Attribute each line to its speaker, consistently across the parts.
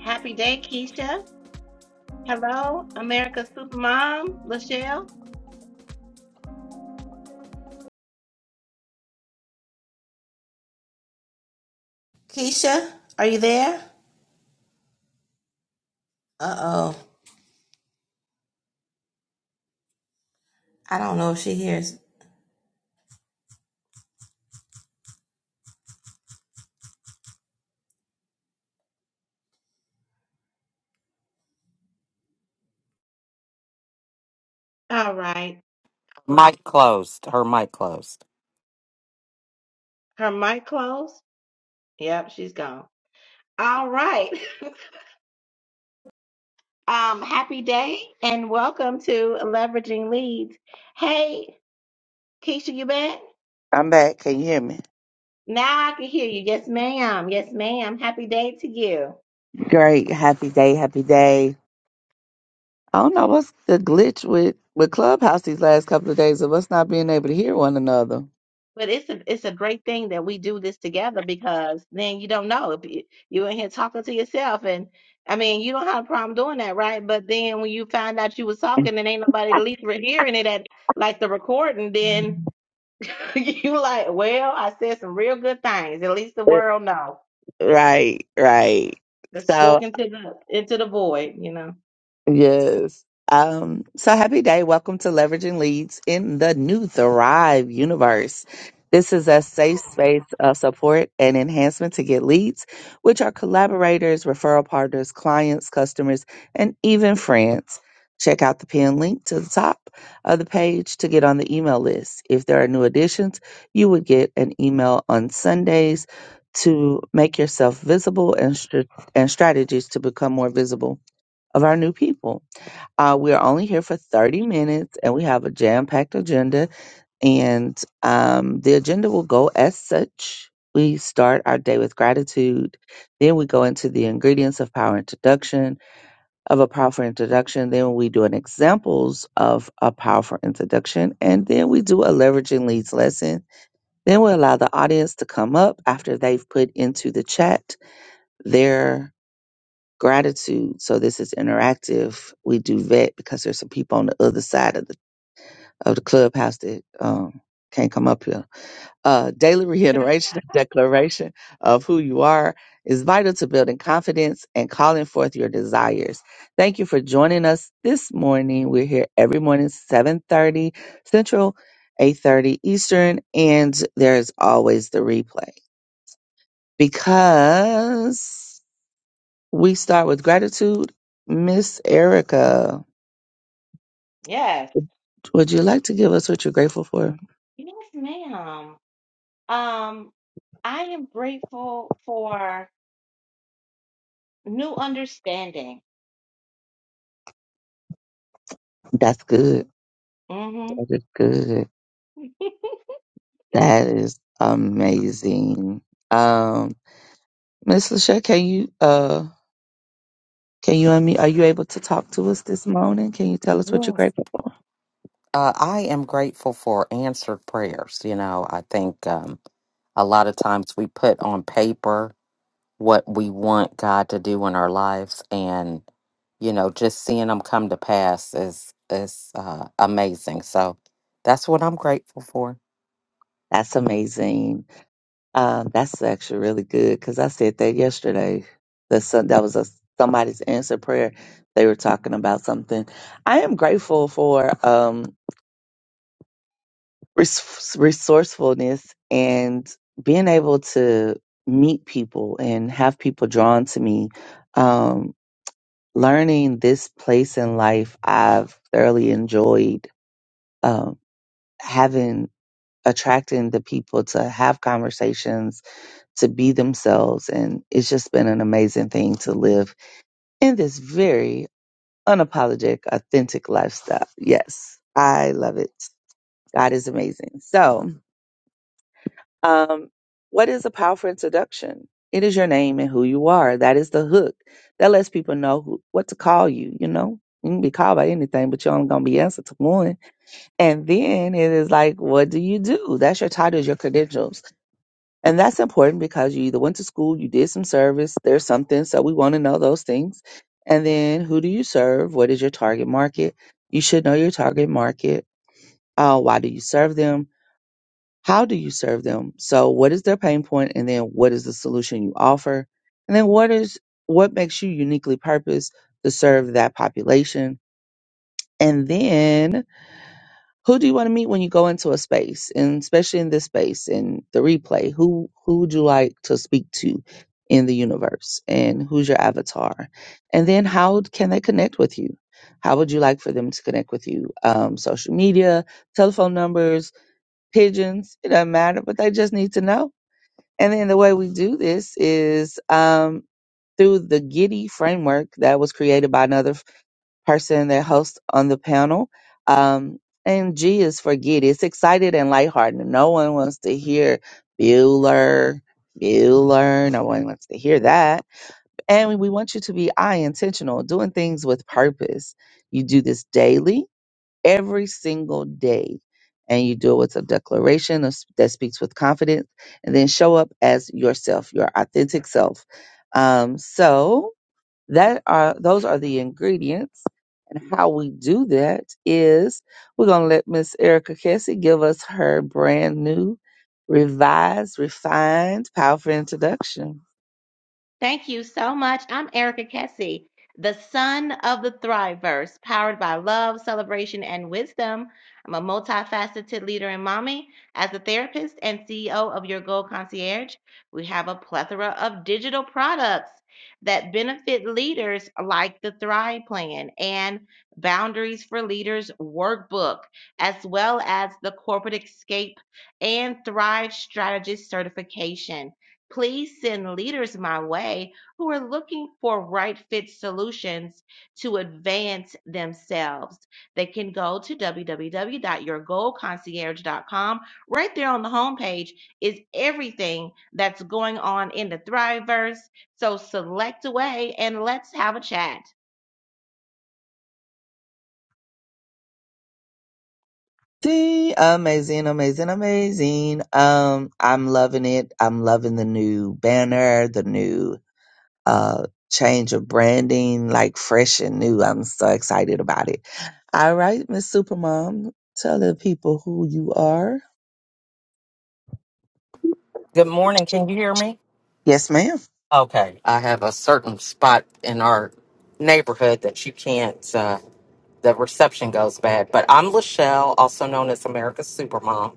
Speaker 1: Happy day, Keisha. Hello, America's Supermom, Lachelle. Keisha, are you there? Uh oh. I don't know if she hears. All right.
Speaker 2: Mic closed. Her mic closed.
Speaker 1: Her mic closed. Yep, she's gone. All right. um, happy day and welcome to Leveraging Leads. Hey, Keisha, you back?
Speaker 3: I'm back. Can you hear me?
Speaker 1: Now I can hear you. Yes, ma'am. Yes, ma'am. Happy day to you.
Speaker 3: Great. Happy day. Happy day. I don't know what's the glitch with, with Clubhouse these last couple of days of us not being able to hear one another.
Speaker 1: But it's a it's a great thing that we do this together because then you don't know if you, you in here talking to yourself and I mean you don't have a problem doing that, right? But then when you find out you was talking and ain't nobody at least were hearing it at like the recording, then
Speaker 3: Mhm.
Speaker 1: you like, well, I said some real good things. At least the
Speaker 3: Uh,
Speaker 1: world know.
Speaker 3: Right, right.
Speaker 1: i
Speaker 3: So
Speaker 1: spoken to the into the void, you know.
Speaker 3: Yes. Um, so happy day. Welcome to Leveraging Leads in the New Thrive Universe. This is a safe space of support and enhancement to get leads, which are collaborators, referral partners, clients, customers, and even friends. Check out the pin link to the top of the page to get on the email list. If there are new additions, you would get an email on Sundays to make yourself visible and, str- and strategies to become more visible of our new people. Uh, we are only here for 30 minutes and we have a jam packed agenda. And um, the agenda will go as such. We start our day with gratitude. Then we go into the ingredients of power introduction, of a powerful introduction. Then we do an examples of a powerful introduction. And then we do a leveraging leads lesson. Then we allow the audience to come up after they've put into the chat their gratitude. So this is interactive. We do vet because there's some people on the other side of the of the clubhouse that um, can't come up here. Uh, daily reiteration and declaration of who you are is vital to building confidence and calling forth your desires. Thank you for joining us this morning. We're here every morning, 7:30 Central, 8:30 Eastern, and there's always the replay because. We start with gratitude. Miss Erica,
Speaker 1: Yes,
Speaker 3: would you like to give us what you're grateful for?
Speaker 1: yes, ma'am. Um, I am grateful for new understanding.
Speaker 3: That's good.
Speaker 1: mm hmm
Speaker 3: That is good. That is amazing. Um, Miss Lachey, can you? uh Can you and me, are you able to talk to us this morning? Can you tell us what you're
Speaker 2: Yes.
Speaker 3: grateful for?
Speaker 2: Uh, I am grateful for answered prayers. You know, I think um, a lot of times we put on paper what we want God to do in our lives, and you know, just seeing them come to pass is is uh, amazing. So that's what I'm grateful for.
Speaker 3: That's amazing. Um, that's actually really good because I said that yesterday. That some, that was a somebody's answer prayer. They were talking about something. I am grateful for. um, res- resourcefulness and being able to meet people and have people drawn to me. Um, learning this place in life, I've thoroughly enjoyed um, having attracting the people to have conversations to be themselves and it's just been an amazing thing to live in this very unapologetic authentic lifestyle yes i love it god is amazing so Um, what is a powerful introduction? It is your name and who you are. That is the hook. That lets people know who, what to call you, you know? You can be called by anything, but you're only going to be answered to one. And then it is like, what do you do? That's your title, your credentials. And that's important because you either went to school, you did some service, there's something. So we want to know those things. And then who do you serve? What is your target market? You should know your target market. Uh, why do you serve them? How do you serve them? So what is their pain point and then what is the solution you offer? And then what is what makes you uniquely purposed to serve that population? And then who do you want to meet when you go into a space? And especially in this space and the replay, who who would you like to speak to in the universe? And who's your avatar? And then how can they connect with you? How would you like for them to connect with you? Um, social media, telephone numbers, pigeons, it doesn't matter, but they just need to know and then the way we do this is um, through the Giddy framework that was created by another f- person that hosts on the panel. Um, and G is for Giddy. It's excited and lighthearted. No one wants to hear Bueller, Bueller. No one wants to hear that. And we we want you to be I intentional, doing things with purpose. You do this daily every single day. And you do it with a declaration of- that speaks with confidence, and then show up as yourself, your authentic self. Um, so that are those are the ingredients. And how we do that is we're gonna let Miss Erica Cassie give us her brand new, revised, refined, powerful introduction.
Speaker 1: Thank you so much. I'm Erica Kessie, the son of the Thriverse, powered by love, celebration, and wisdom. I'm a multifaceted leader and mommy. As a therapist and CEO of Your Goal Concierge, we have a plethora of digital products that benefit leaders like the Thrive Plan and Boundaries for Leaders Workbook, as well as the Corporate Escape and Thrive Strategist Certification. Please send leaders my way who are looking for right fit solutions to advance themselves. They can go to www.yourgoalconcierge.com. Right there on the homepage is everything that's going on in the Thriveverse. So select away and let's have a chat.
Speaker 3: See, amazing, amazing, amazing. Um, I'm loving it. I'm loving the new banner, the new uh change of branding like fresh and new i'm so excited about it all right miss supermom tell the people who you are
Speaker 2: Good morning. Can you hear me?
Speaker 3: yes ma'am
Speaker 2: Okay. I have a certain spot in our neighborhood that you can't. Uh, the reception goes bad. But I'm Lachelle, also known as America's Supermom.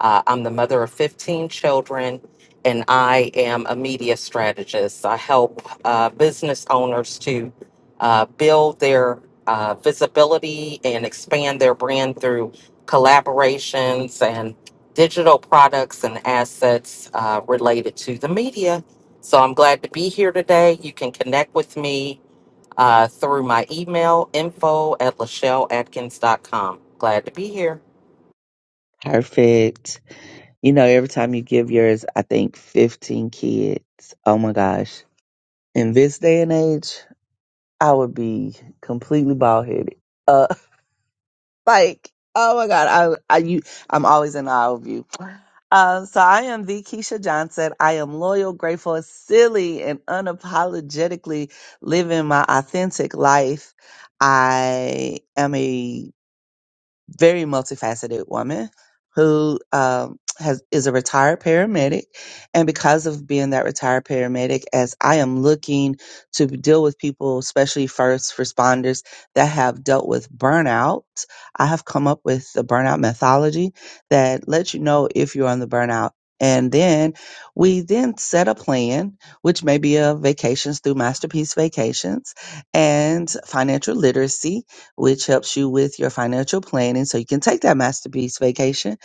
Speaker 2: Uh, I'm the mother of 15 children, and I am a media strategist. I help uh, business owners to uh, build their uh, visibility and expand their brand through collaborations and digital products and assets uh, related to the media. So I'm glad to be here today. You can connect with me uh, through my email info at lachelleatkins.com. Glad to be here.
Speaker 3: perfect you know every time you give yours i think 15 kids oh my gosh in this day and age i would be completely bald-headed Uh, Like, oh my God, I, I you, I'm always in awe of you. Um, so I am the Keisha Johnson. I am loyal, grateful, silly, and unapologetically living my authentic life. I am a very multifaceted woman who um, has is a retired paramedic, and because of being that retired paramedic, as I am looking to deal with people, especially first responders that have dealt with burnout, I have come up with the burnout methodology that lets you know if you're on the burnout. And then we then set a plan, which may be a vacations through Masterpiece Vacations and financial literacy which helps you with your financial planning so you can take that masterpiece vacation.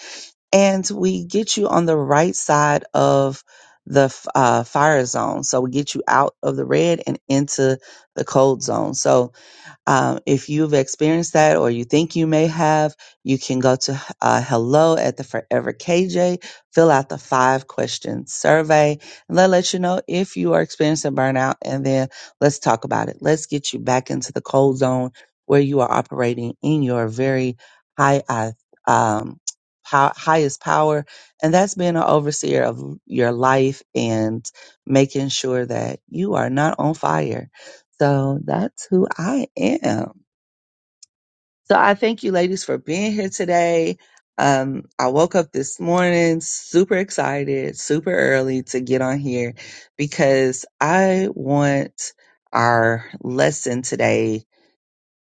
Speaker 3: And we get you on the right side of the f- uh, fire zone. So we get you out of the red and into the cold zone. So um, if you've experienced that or you think you may have, you can go to uh, hello at the Forever KJ, fill out the five question survey, and they'll let you know if you are experiencing burnout. And then let's talk about it. Let's get you back into the cold zone where you are operating in your very high, uh, um, pow- highest power. And that's being an overseer of your life and making sure that you are not on fire so that's who I am. So I thank you ladies for being here today. Um, I woke up this morning super excited, super early to get on here because I want our lesson today.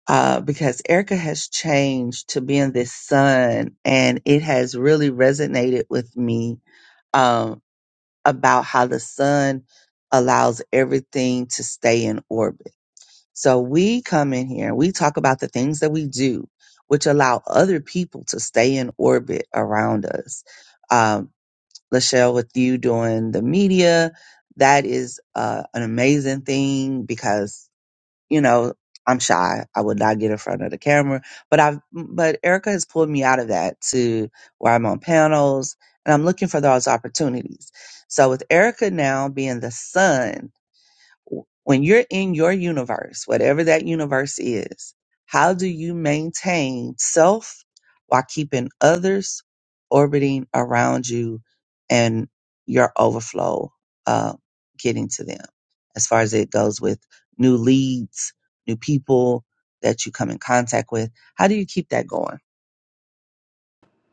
Speaker 3: Uh, because Erica has changed to being this sun and it has really resonated with me, um, about how the sun allows everything to stay in orbit So we come in here, we talk about the things that we do, which allow other people to stay in orbit around us. Um, Lachelle, with you doing the media, that is uh, an amazing thing because, you know, I'm shy. I would not get in front of the camera, but I've, but Erica has pulled me out of that to where I'm on panels and I'm looking for those opportunities. So with Erica now being the sun when you're in your universe, whatever that universe is, how do you maintain self while keeping others orbiting around you and your overflow uh, getting to them as far as it goes with new leads, new people that you come in contact with? How do you keep that going?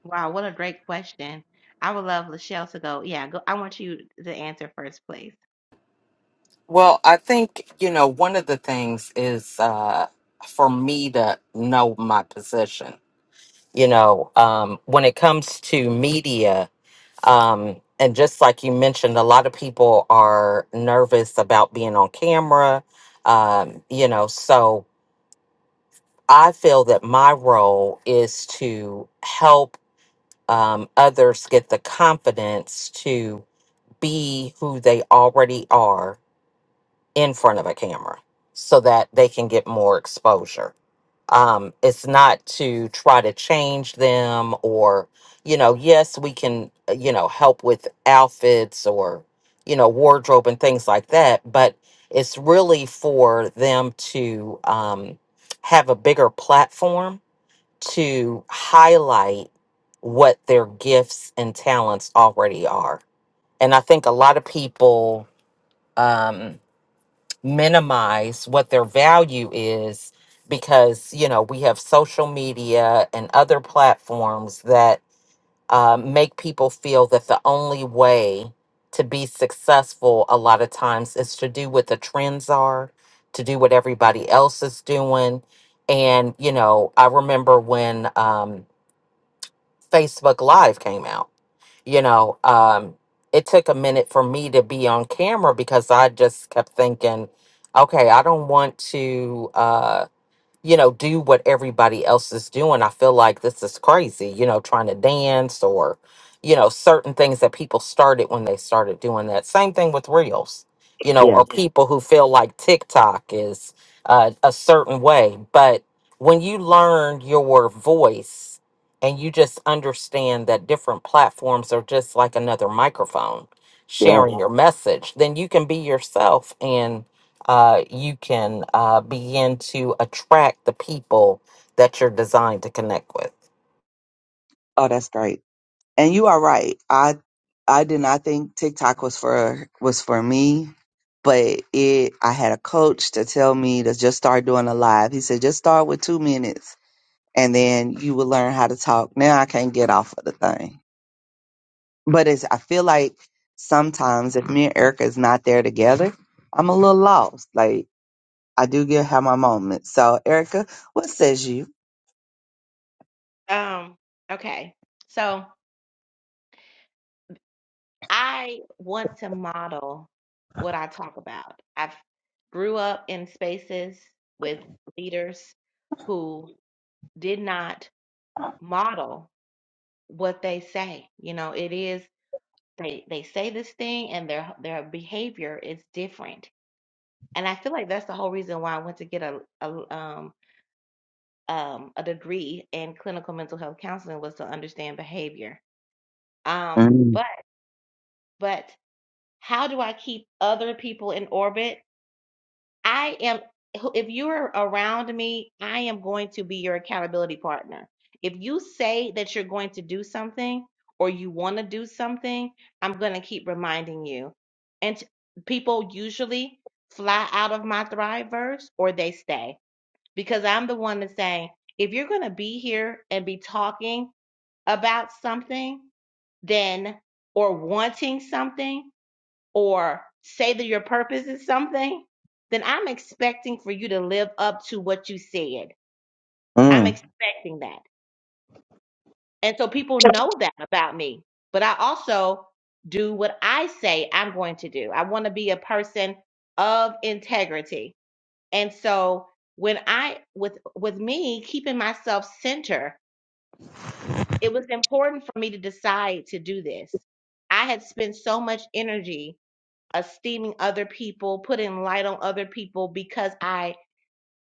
Speaker 1: Wow, what a great question. I would love Lachelle to go. Yeah, go, I want you to answer first, please.
Speaker 2: Well, I think, you know, one of the things is uh, for me to know my position. You know, um, when it comes to media, um, and just like you mentioned, a lot of people are nervous about being on camera, um, you know, so I feel that my role is to help um, others get the confidence to be who they already are in front of a camera so that they can get more exposure. Um, it's not to try to change them or, you know, yes, we can, uh, you know, help with outfits or, you know, wardrobe and things like that, but it's really for them to um, have a bigger platform to highlight what their gifts and talents already are. And I think a lot of people um, minimize what their value is because you know we have social media and other platforms that uh, make people feel that the only way to be successful a lot of times is to do what the trends are to do what everybody else is doing and you know i remember when um, facebook live came out you know um it took a minute for me to be on camera because i just kept thinking okay i don't want to Uh, you know, do what everybody else is doing. I feel like this is crazy, you know, trying to dance or, you know, certain things that people started when they started doing that. Same thing with reels, you know,
Speaker 3: Yeah,
Speaker 2: or Yeah. people who feel like TikTok is uh, a certain way. But when you learn your voice and you just understand that different platforms are just like another microphone
Speaker 3: yeah.
Speaker 2: sharing Yeah. your message, then you can be yourself uh, you can uh, begin to attract the people that you're designed to connect with.
Speaker 3: Oh, that's great. And you are right. I I did not think TikTok was for was for me, but it I had a coach to tell me to just start doing a live. He said just start with 2 minutes and then you will learn how to talk. Now I can't get off of the thing. But it's I feel like sometimes if me and Erica is not there together, I'm a little lost. Like I do get have my moments. So Erica, what says you?
Speaker 1: Um, okay. So I want to model what I talk about. I've grew up in spaces with leaders who did not model what they say. You know, it is they they say this thing and their their behavior is different. And I feel like that's the whole reason why I went to get a, a um um a degree in clinical mental health counseling was to understand behavior. Um
Speaker 3: Mm,
Speaker 1: but but how do I keep other people in orbit I am, if you're around me, I am going to be your accountability partner. If you say that you're going to do something or you want to do something, I'm going to keep reminding you. And t- people usually fly out of my Thriveverse or they stay because I'm the one that's saying, if you're going to be here and be talking about something, then or wanting something, or say that your purpose is something, then I'm expecting for you to live up to what you said. I'm
Speaker 3: mm,
Speaker 1: expecting that. And so people know that about me. But I also do what I say I'm going to do. I want to be a person of integrity. And so when I with with me keeping myself center, it was important for me to decide to do this. I had spent so much energy esteeming other people, putting light on other people because I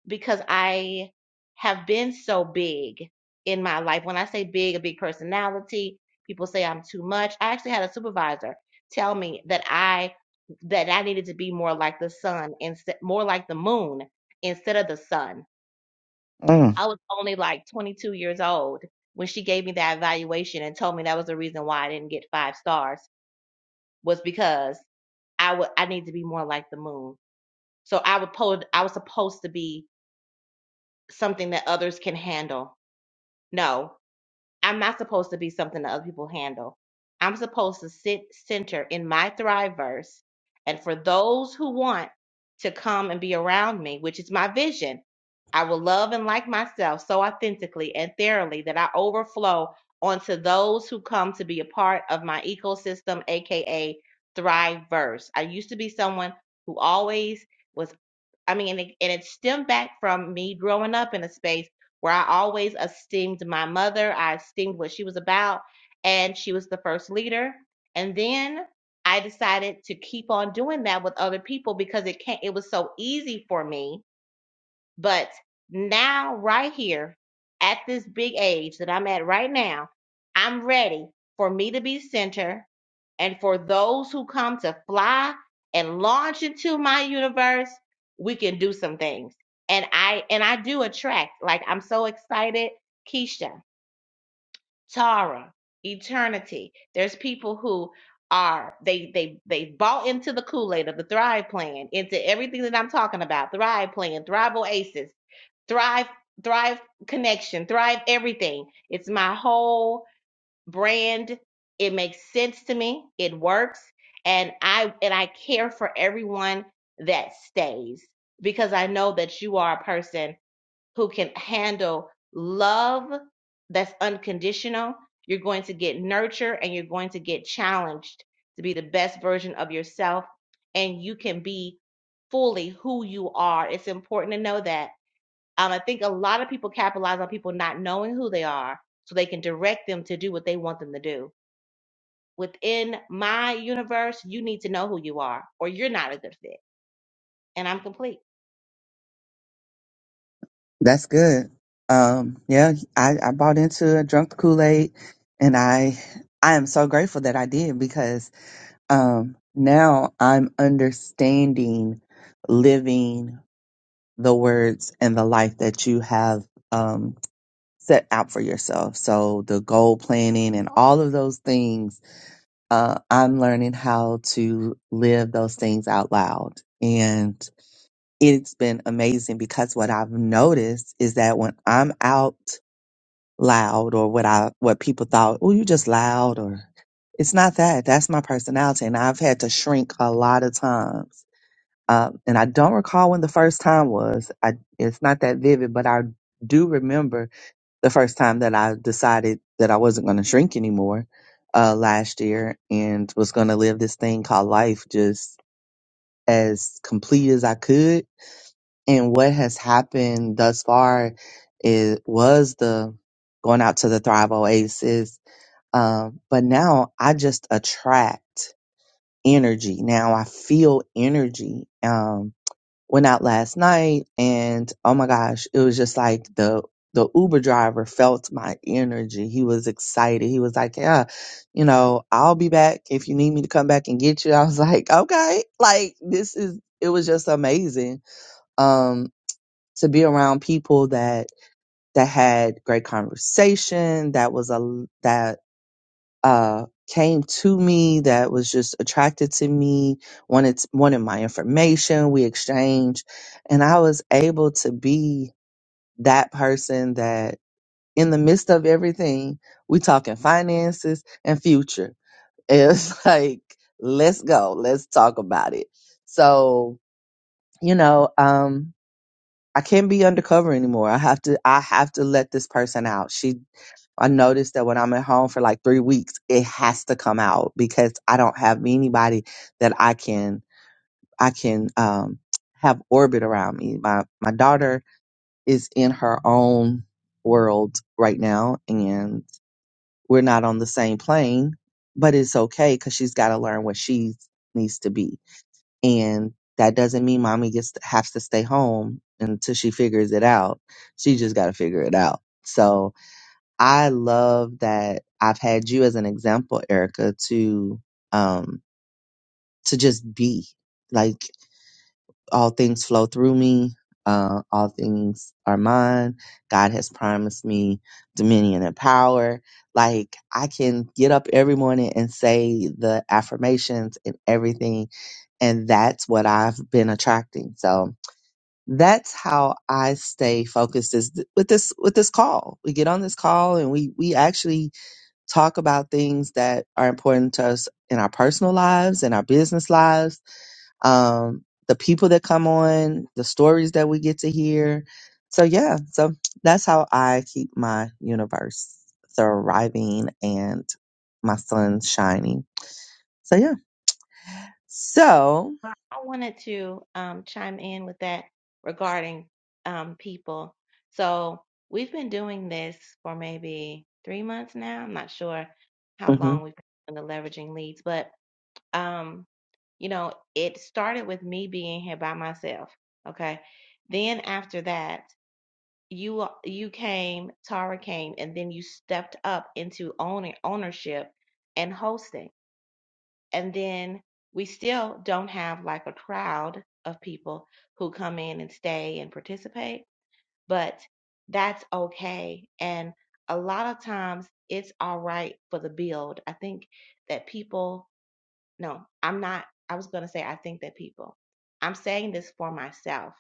Speaker 1: because I have been so big in my life. When I say big, a big personality, people say I'm too much. I actually had a supervisor tell me that I that I needed to be more like the sun instead more like the moon instead of the sun.
Speaker 3: mm.
Speaker 1: I was only like 22 years old when she gave me that evaluation and told me that was the reason why I didn't get 5 stars was because I would I need to be more like the moon. So I would po- I was supposed to be something that others can handle. No, I'm not supposed to be something that other people handle. I'm supposed to sit center in my thrive verse. And for those who want to come and be around me, which is my vision, I will love and like myself so authentically and thoroughly that I overflow onto those who come to be a part of my ecosystem, aka Thrive Verse. I used to be someone who always was I mean, and it, and it stemmed back from me growing up in a space where I always esteemed my mother. I esteemed what she was about, and she was the first leader. And then I decided to keep on doing that with other people because it can't. It was so easy for me but now, right here, at this big age that I'm at right now, I'm ready for me to be center and for those who come to fly and launch into my universe, we can do some things. And I and I do attract. Like I'm so excited. Keisha, Tara, Eternity. There's people who are they they they bought into the Kool-Aid of the Thrive Plan, into everything that I'm talking about. Thrive Plan, Thrive Oasis Thrive, Thrive Connection, Thrive Everything. It's my whole brand. It makes sense to me. It works. And I and I care for everyone that stays because I know that you are a person who can handle love that's unconditional. You're going to get nurture and you're going to get challenged to be the best version of yourself and you can be fully who you are. It's important to know that um, I think a lot of people capitalize on people not knowing who they are so they can direct them to do what they want them to do. Within my universe, you need to know who you are or you're not a good fit. And I'm complete.
Speaker 3: That's good. Um, yeah, I, I bought into it, drunk the Kool Aid, and I I am so grateful that I did because um, now I'm understanding living the words and the life that you have um, set out for yourself. So the goal planning and all of those things, uh, I'm learning how to live those things out loud, and it's been amazing because what I've noticed is that when I'm out loud or what I what people thought, oh, you just loud or it's not that. That's my personality. And I've had to shrink a lot of times. Um, and I don't recall when the first time was. I it's not that vivid, but I do remember the first time that I decided that I wasn't going to shrink anymore uh, last year and was going to live this thing called life just as complete as I could and what has happened thus far is was the going out to the Thrive Oasis. Um, but now I just attract energy. Now I feel energy. Um, went out last night and oh my gosh, it was just like the the Uber driver felt my energy. He was excited. He was like, Yeah, you know, I'll be back if you need me to come back and get you. I was like, Okay, like this is it was just amazing. Um to be around people that that had great conversation that was a that uh came to me that was just attracted to me wanted wanted my information we exchanged and i was able to be that person that in the midst of everything we talking finances and future it's like let's go let's talk about it so you know um I can't be undercover anymore. I have to I have to let this person out. She I noticed that when I'm at home for like 3 weeks, it has to come out because I don't have anybody that I can I can um have orbit around me. My my daughter is in her own world right now and we're not on the same plane, but it's okay cuz she's got to learn what she needs to be and that doesn't mean mommy just has to stay home until she figures it out. She just got to figure it out. So I love that I've had you as an example, Erica, to, um, to just be like all things flow through me. Uh, all things are mine. God has promised me dominion and power. Like I can get up every morning and say the affirmations and everything. And that's what I've been attracting. So that's how I stay focused is th- with this, with this call. We get on this call and we, we actually talk about things that are important to us in our personal lives and our business lives um, the people that come on, the stories that we get to hear. So yeah, so that's how I keep my universe thriving and my sun shining. So yeah, so
Speaker 1: I wanted to um, chime in with that regarding um, people. So we've been doing this for maybe three months now. I'm not sure how long
Speaker 3: mhm,
Speaker 1: we've been doing the leveraging leads, but Um, you know, it started with me being here by myself. Okay. Then after that, you you came, Tara came, and then you stepped up into owning ownership and hosting. And then we still don't have like a crowd of people who come in and stay and participate, but that's okay. And a lot of times it's all right for the build. I think that people no, I'm not. I was going to say, I think that people, I'm saying this for myself.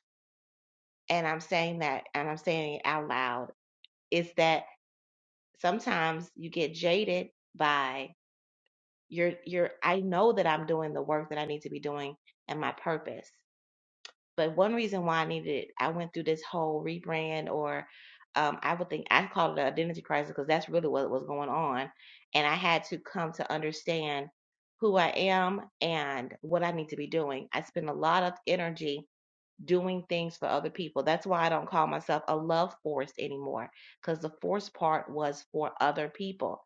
Speaker 1: And I'm saying that, and I'm saying it out loud is that sometimes you get jaded by your, your, I know that I'm doing the work that I need to be doing and my purpose. But one reason why I needed, I went through this whole rebrand, or um, I would think I call it an identity crisis because that's really what was going on. And I had to come to understand who I am and what I need to be doing. I spend a lot of energy doing things for other people. That's why I don't call myself a love force anymore because the force part was for other people.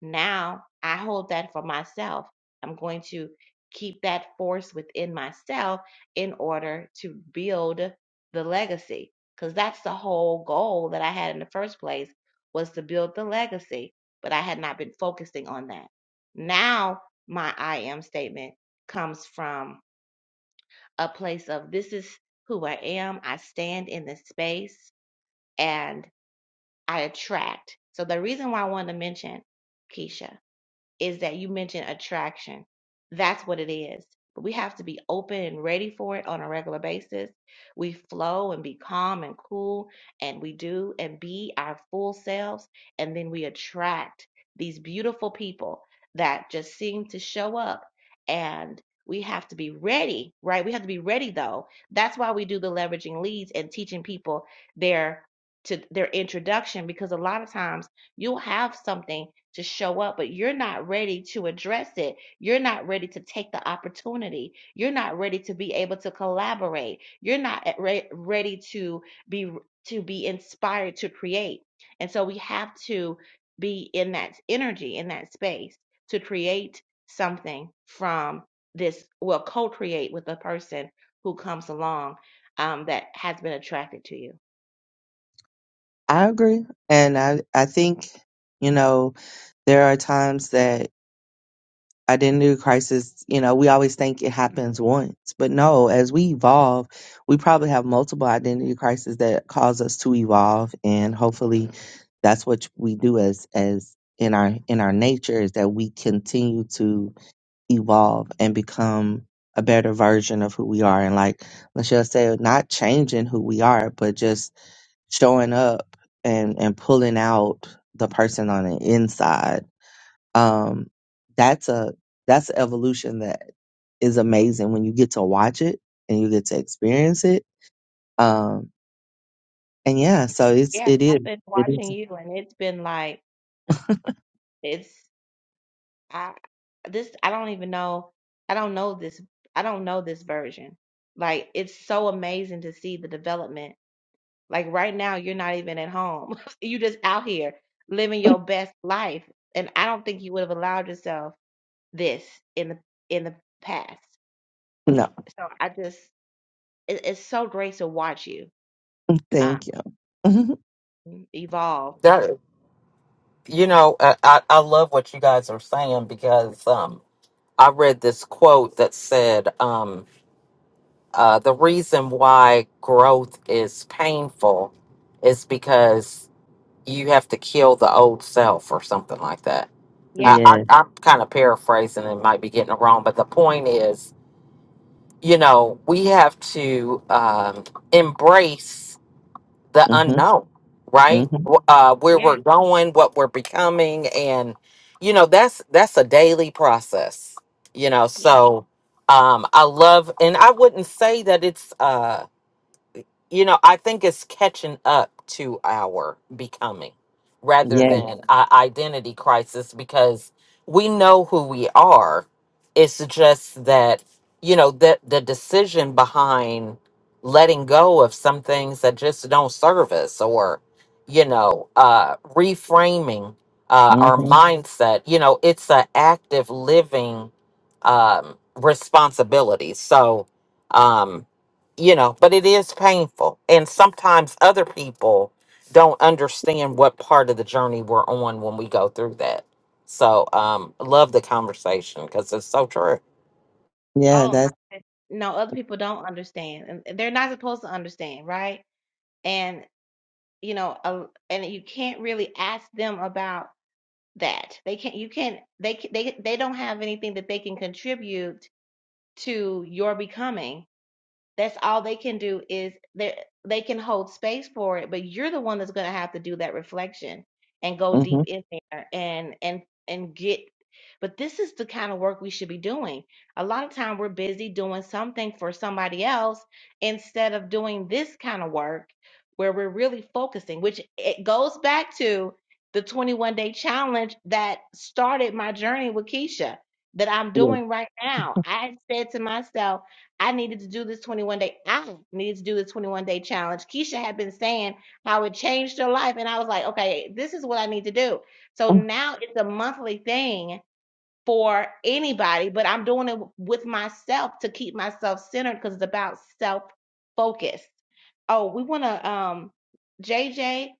Speaker 1: Now I hold that for myself. I'm going to keep that force within myself in order to build the legacy because that's the whole goal that I had in the first place was to build the legacy, but I had not been focusing on that. Now my I am statement comes from a place of this is who I am. I stand in this space and I attract. So the reason why I wanted to mention Keisha is that you mentioned attraction. That's what it is. But we have to be open and ready for it on a regular basis. We flow and be calm and cool, and we do and be our full selves. And then we attract these beautiful people that just seem to show up. And we have to be ready, right? We have to be ready, though. That's why we do the leveraging leads and teaching people their to their introduction because a lot of times you have something to show up, but you're not ready to address it. You're not ready to take the opportunity. You're not ready to be able to collaborate. You're not at re- ready to be to be inspired to create. And so we have to be in that energy, in that space to create something from this, well, co-create with the person who comes along um, that has been attracted to you.
Speaker 3: I agree, and I I think you know there are times that identity crisis, you know, we always think it happens once, but no, as we evolve, we probably have multiple identity crises that cause us to evolve and hopefully that's what we do as as in our in our nature is that we continue to evolve and become a better version of who we are and like Michelle said, not changing who we are, but just showing up and and pulling out the person on the inside um, that's a that's an evolution that is amazing when you get to watch it and you get to experience it. Um, and yeah, so it's
Speaker 1: Yeah,
Speaker 3: it is
Speaker 1: I've been
Speaker 3: it
Speaker 1: watching
Speaker 3: is
Speaker 1: you and it's been like, it's I this I don't even know I don't know this I don't know this version. Like it's so amazing to see the development. Like right now you're not even at home. you just out here living your best life. And I don't think you would have allowed yourself this in the in the past.
Speaker 3: no,
Speaker 1: So I just it, it's so great to watch you um
Speaker 3: thank you. Mhm.
Speaker 1: evolve.
Speaker 2: That you know, I, I I love what you guys are saying because um, I read this quote that said um, uh, the reason why growth is painful is because you have to kill the old self or something like that. I,
Speaker 1: Yes,
Speaker 2: I,
Speaker 3: yeah,
Speaker 2: I'm kind of paraphrasing and might be getting it wrong, but the point is, you know, we have to um, embrace the
Speaker 3: hmm
Speaker 2: unknown,
Speaker 3: hmm
Speaker 2: right? Wh- Uh, where we're
Speaker 1: yes,
Speaker 2: going, what we're becoming, and you know that's that's a daily process. You know,
Speaker 1: yes.
Speaker 2: so um, I love, and I wouldn't say that it's. uh, you know, I think it's catching up to our becoming rather
Speaker 3: yeah,
Speaker 2: than Yeah. a identity crisis because we know who we are. It's just that, you know, that the decision behind letting go of some things that just don't serve us or, you know, uh, reframing uh,
Speaker 3: hmm
Speaker 2: our Mhm. mindset, you know, it's an active living um, responsibility. So, um, you know, but it is painful. And sometimes other people don't understand what part of the journey we're on when we go through that. So, um, love the conversation because it's so true.
Speaker 3: yeah.
Speaker 1: Oh my
Speaker 3: That's
Speaker 1: goodness. no, other people don't understand. And they're not supposed to understand, right? and. you know a, and you can't really ask them about that they can't you can't they ca- they they don't have anything that they can contribute to your becoming that's all they can do is they they can hold space for it, but you're the one that's going to have to do that reflection and go
Speaker 3: hmm
Speaker 1: deep in there and and and get. But this is the kind of work we should be doing. A lot of time we're busy doing something for somebody else instead of doing this kind of work where we're really focusing, which it goes back to the 21 day challenge that started my journey with Keisha that I'm
Speaker 3: yeah.
Speaker 1: doing right now. I said to myself, I needed to do this 21 day. I needed to do this 21 day challenge. Keisha had been saying how it changed her life. And I was like, okay, this is what I need to do. So
Speaker 3: Oh,
Speaker 1: now it's a monthly thing for anybody, but I'm doing it with myself to keep myself centered because it's about self focused. Oh, we want to, um, JJ,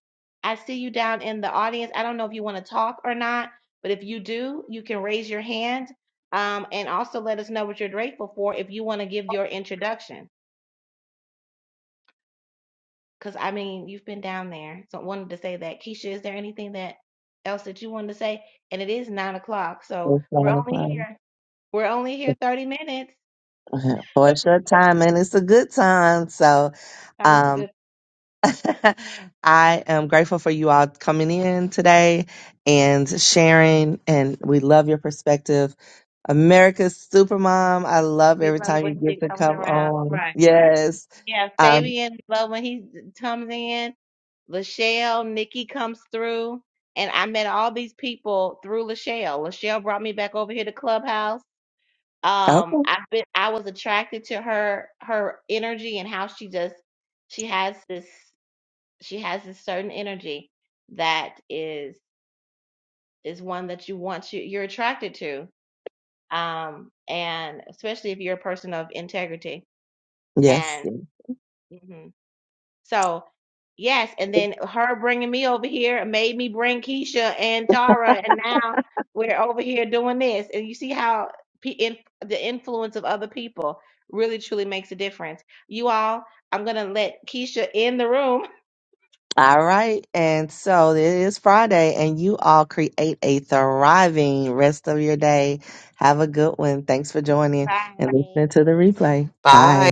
Speaker 1: I see you down in the audience. I don't know if you want to talk or not, but if you do, you can raise your hand. Um, and also let us know what you're grateful for if you want to give your introduction. Because I mean, you've been down there, so I wanted to say that. Keisha, is there anything that else that you wanted to say? And it is nine o'clock, so
Speaker 3: it's
Speaker 1: we're
Speaker 3: nine
Speaker 1: only
Speaker 3: o'clock.
Speaker 1: here. We're only here 30 minutes.
Speaker 3: For a short time, and it's a good time. So,
Speaker 1: I'm good. going
Speaker 3: um,
Speaker 1: love
Speaker 3: I am grateful for you all coming in today and sharing, and we love your perspective. America's Supermom, I love every time
Speaker 1: when
Speaker 3: you get
Speaker 1: she
Speaker 3: to
Speaker 1: comes
Speaker 3: come
Speaker 1: around.
Speaker 3: on.
Speaker 1: Right.
Speaker 3: Yes.
Speaker 1: Yeah,
Speaker 3: Um,
Speaker 1: Fabian love when he comes in. Lachelle, Nikki comes through. And I met all these people through Lachelle. Lachelle brought me back over here to Clubhouse. Um,
Speaker 3: okay.
Speaker 1: I've been I was attracted to her her energy and how she just she has this she has this certain energy that is is one that you want you you're attracted to. Um, and especially if you're a person of integrity.
Speaker 3: Yes.
Speaker 1: hmm So, yes, and then her bringing me over here made me bring Keisha and Tara, and now we're over here doing this. And you see how pe in, the influence of other people really truly makes a difference. You all, I'm gonna let Keisha in the room.
Speaker 3: All right. And so it is Friday, and you all create a thriving rest of your day. Have a good one. Thanks for joining and
Speaker 1: Bye.
Speaker 3: listening to the replay. Bye.
Speaker 2: Bye.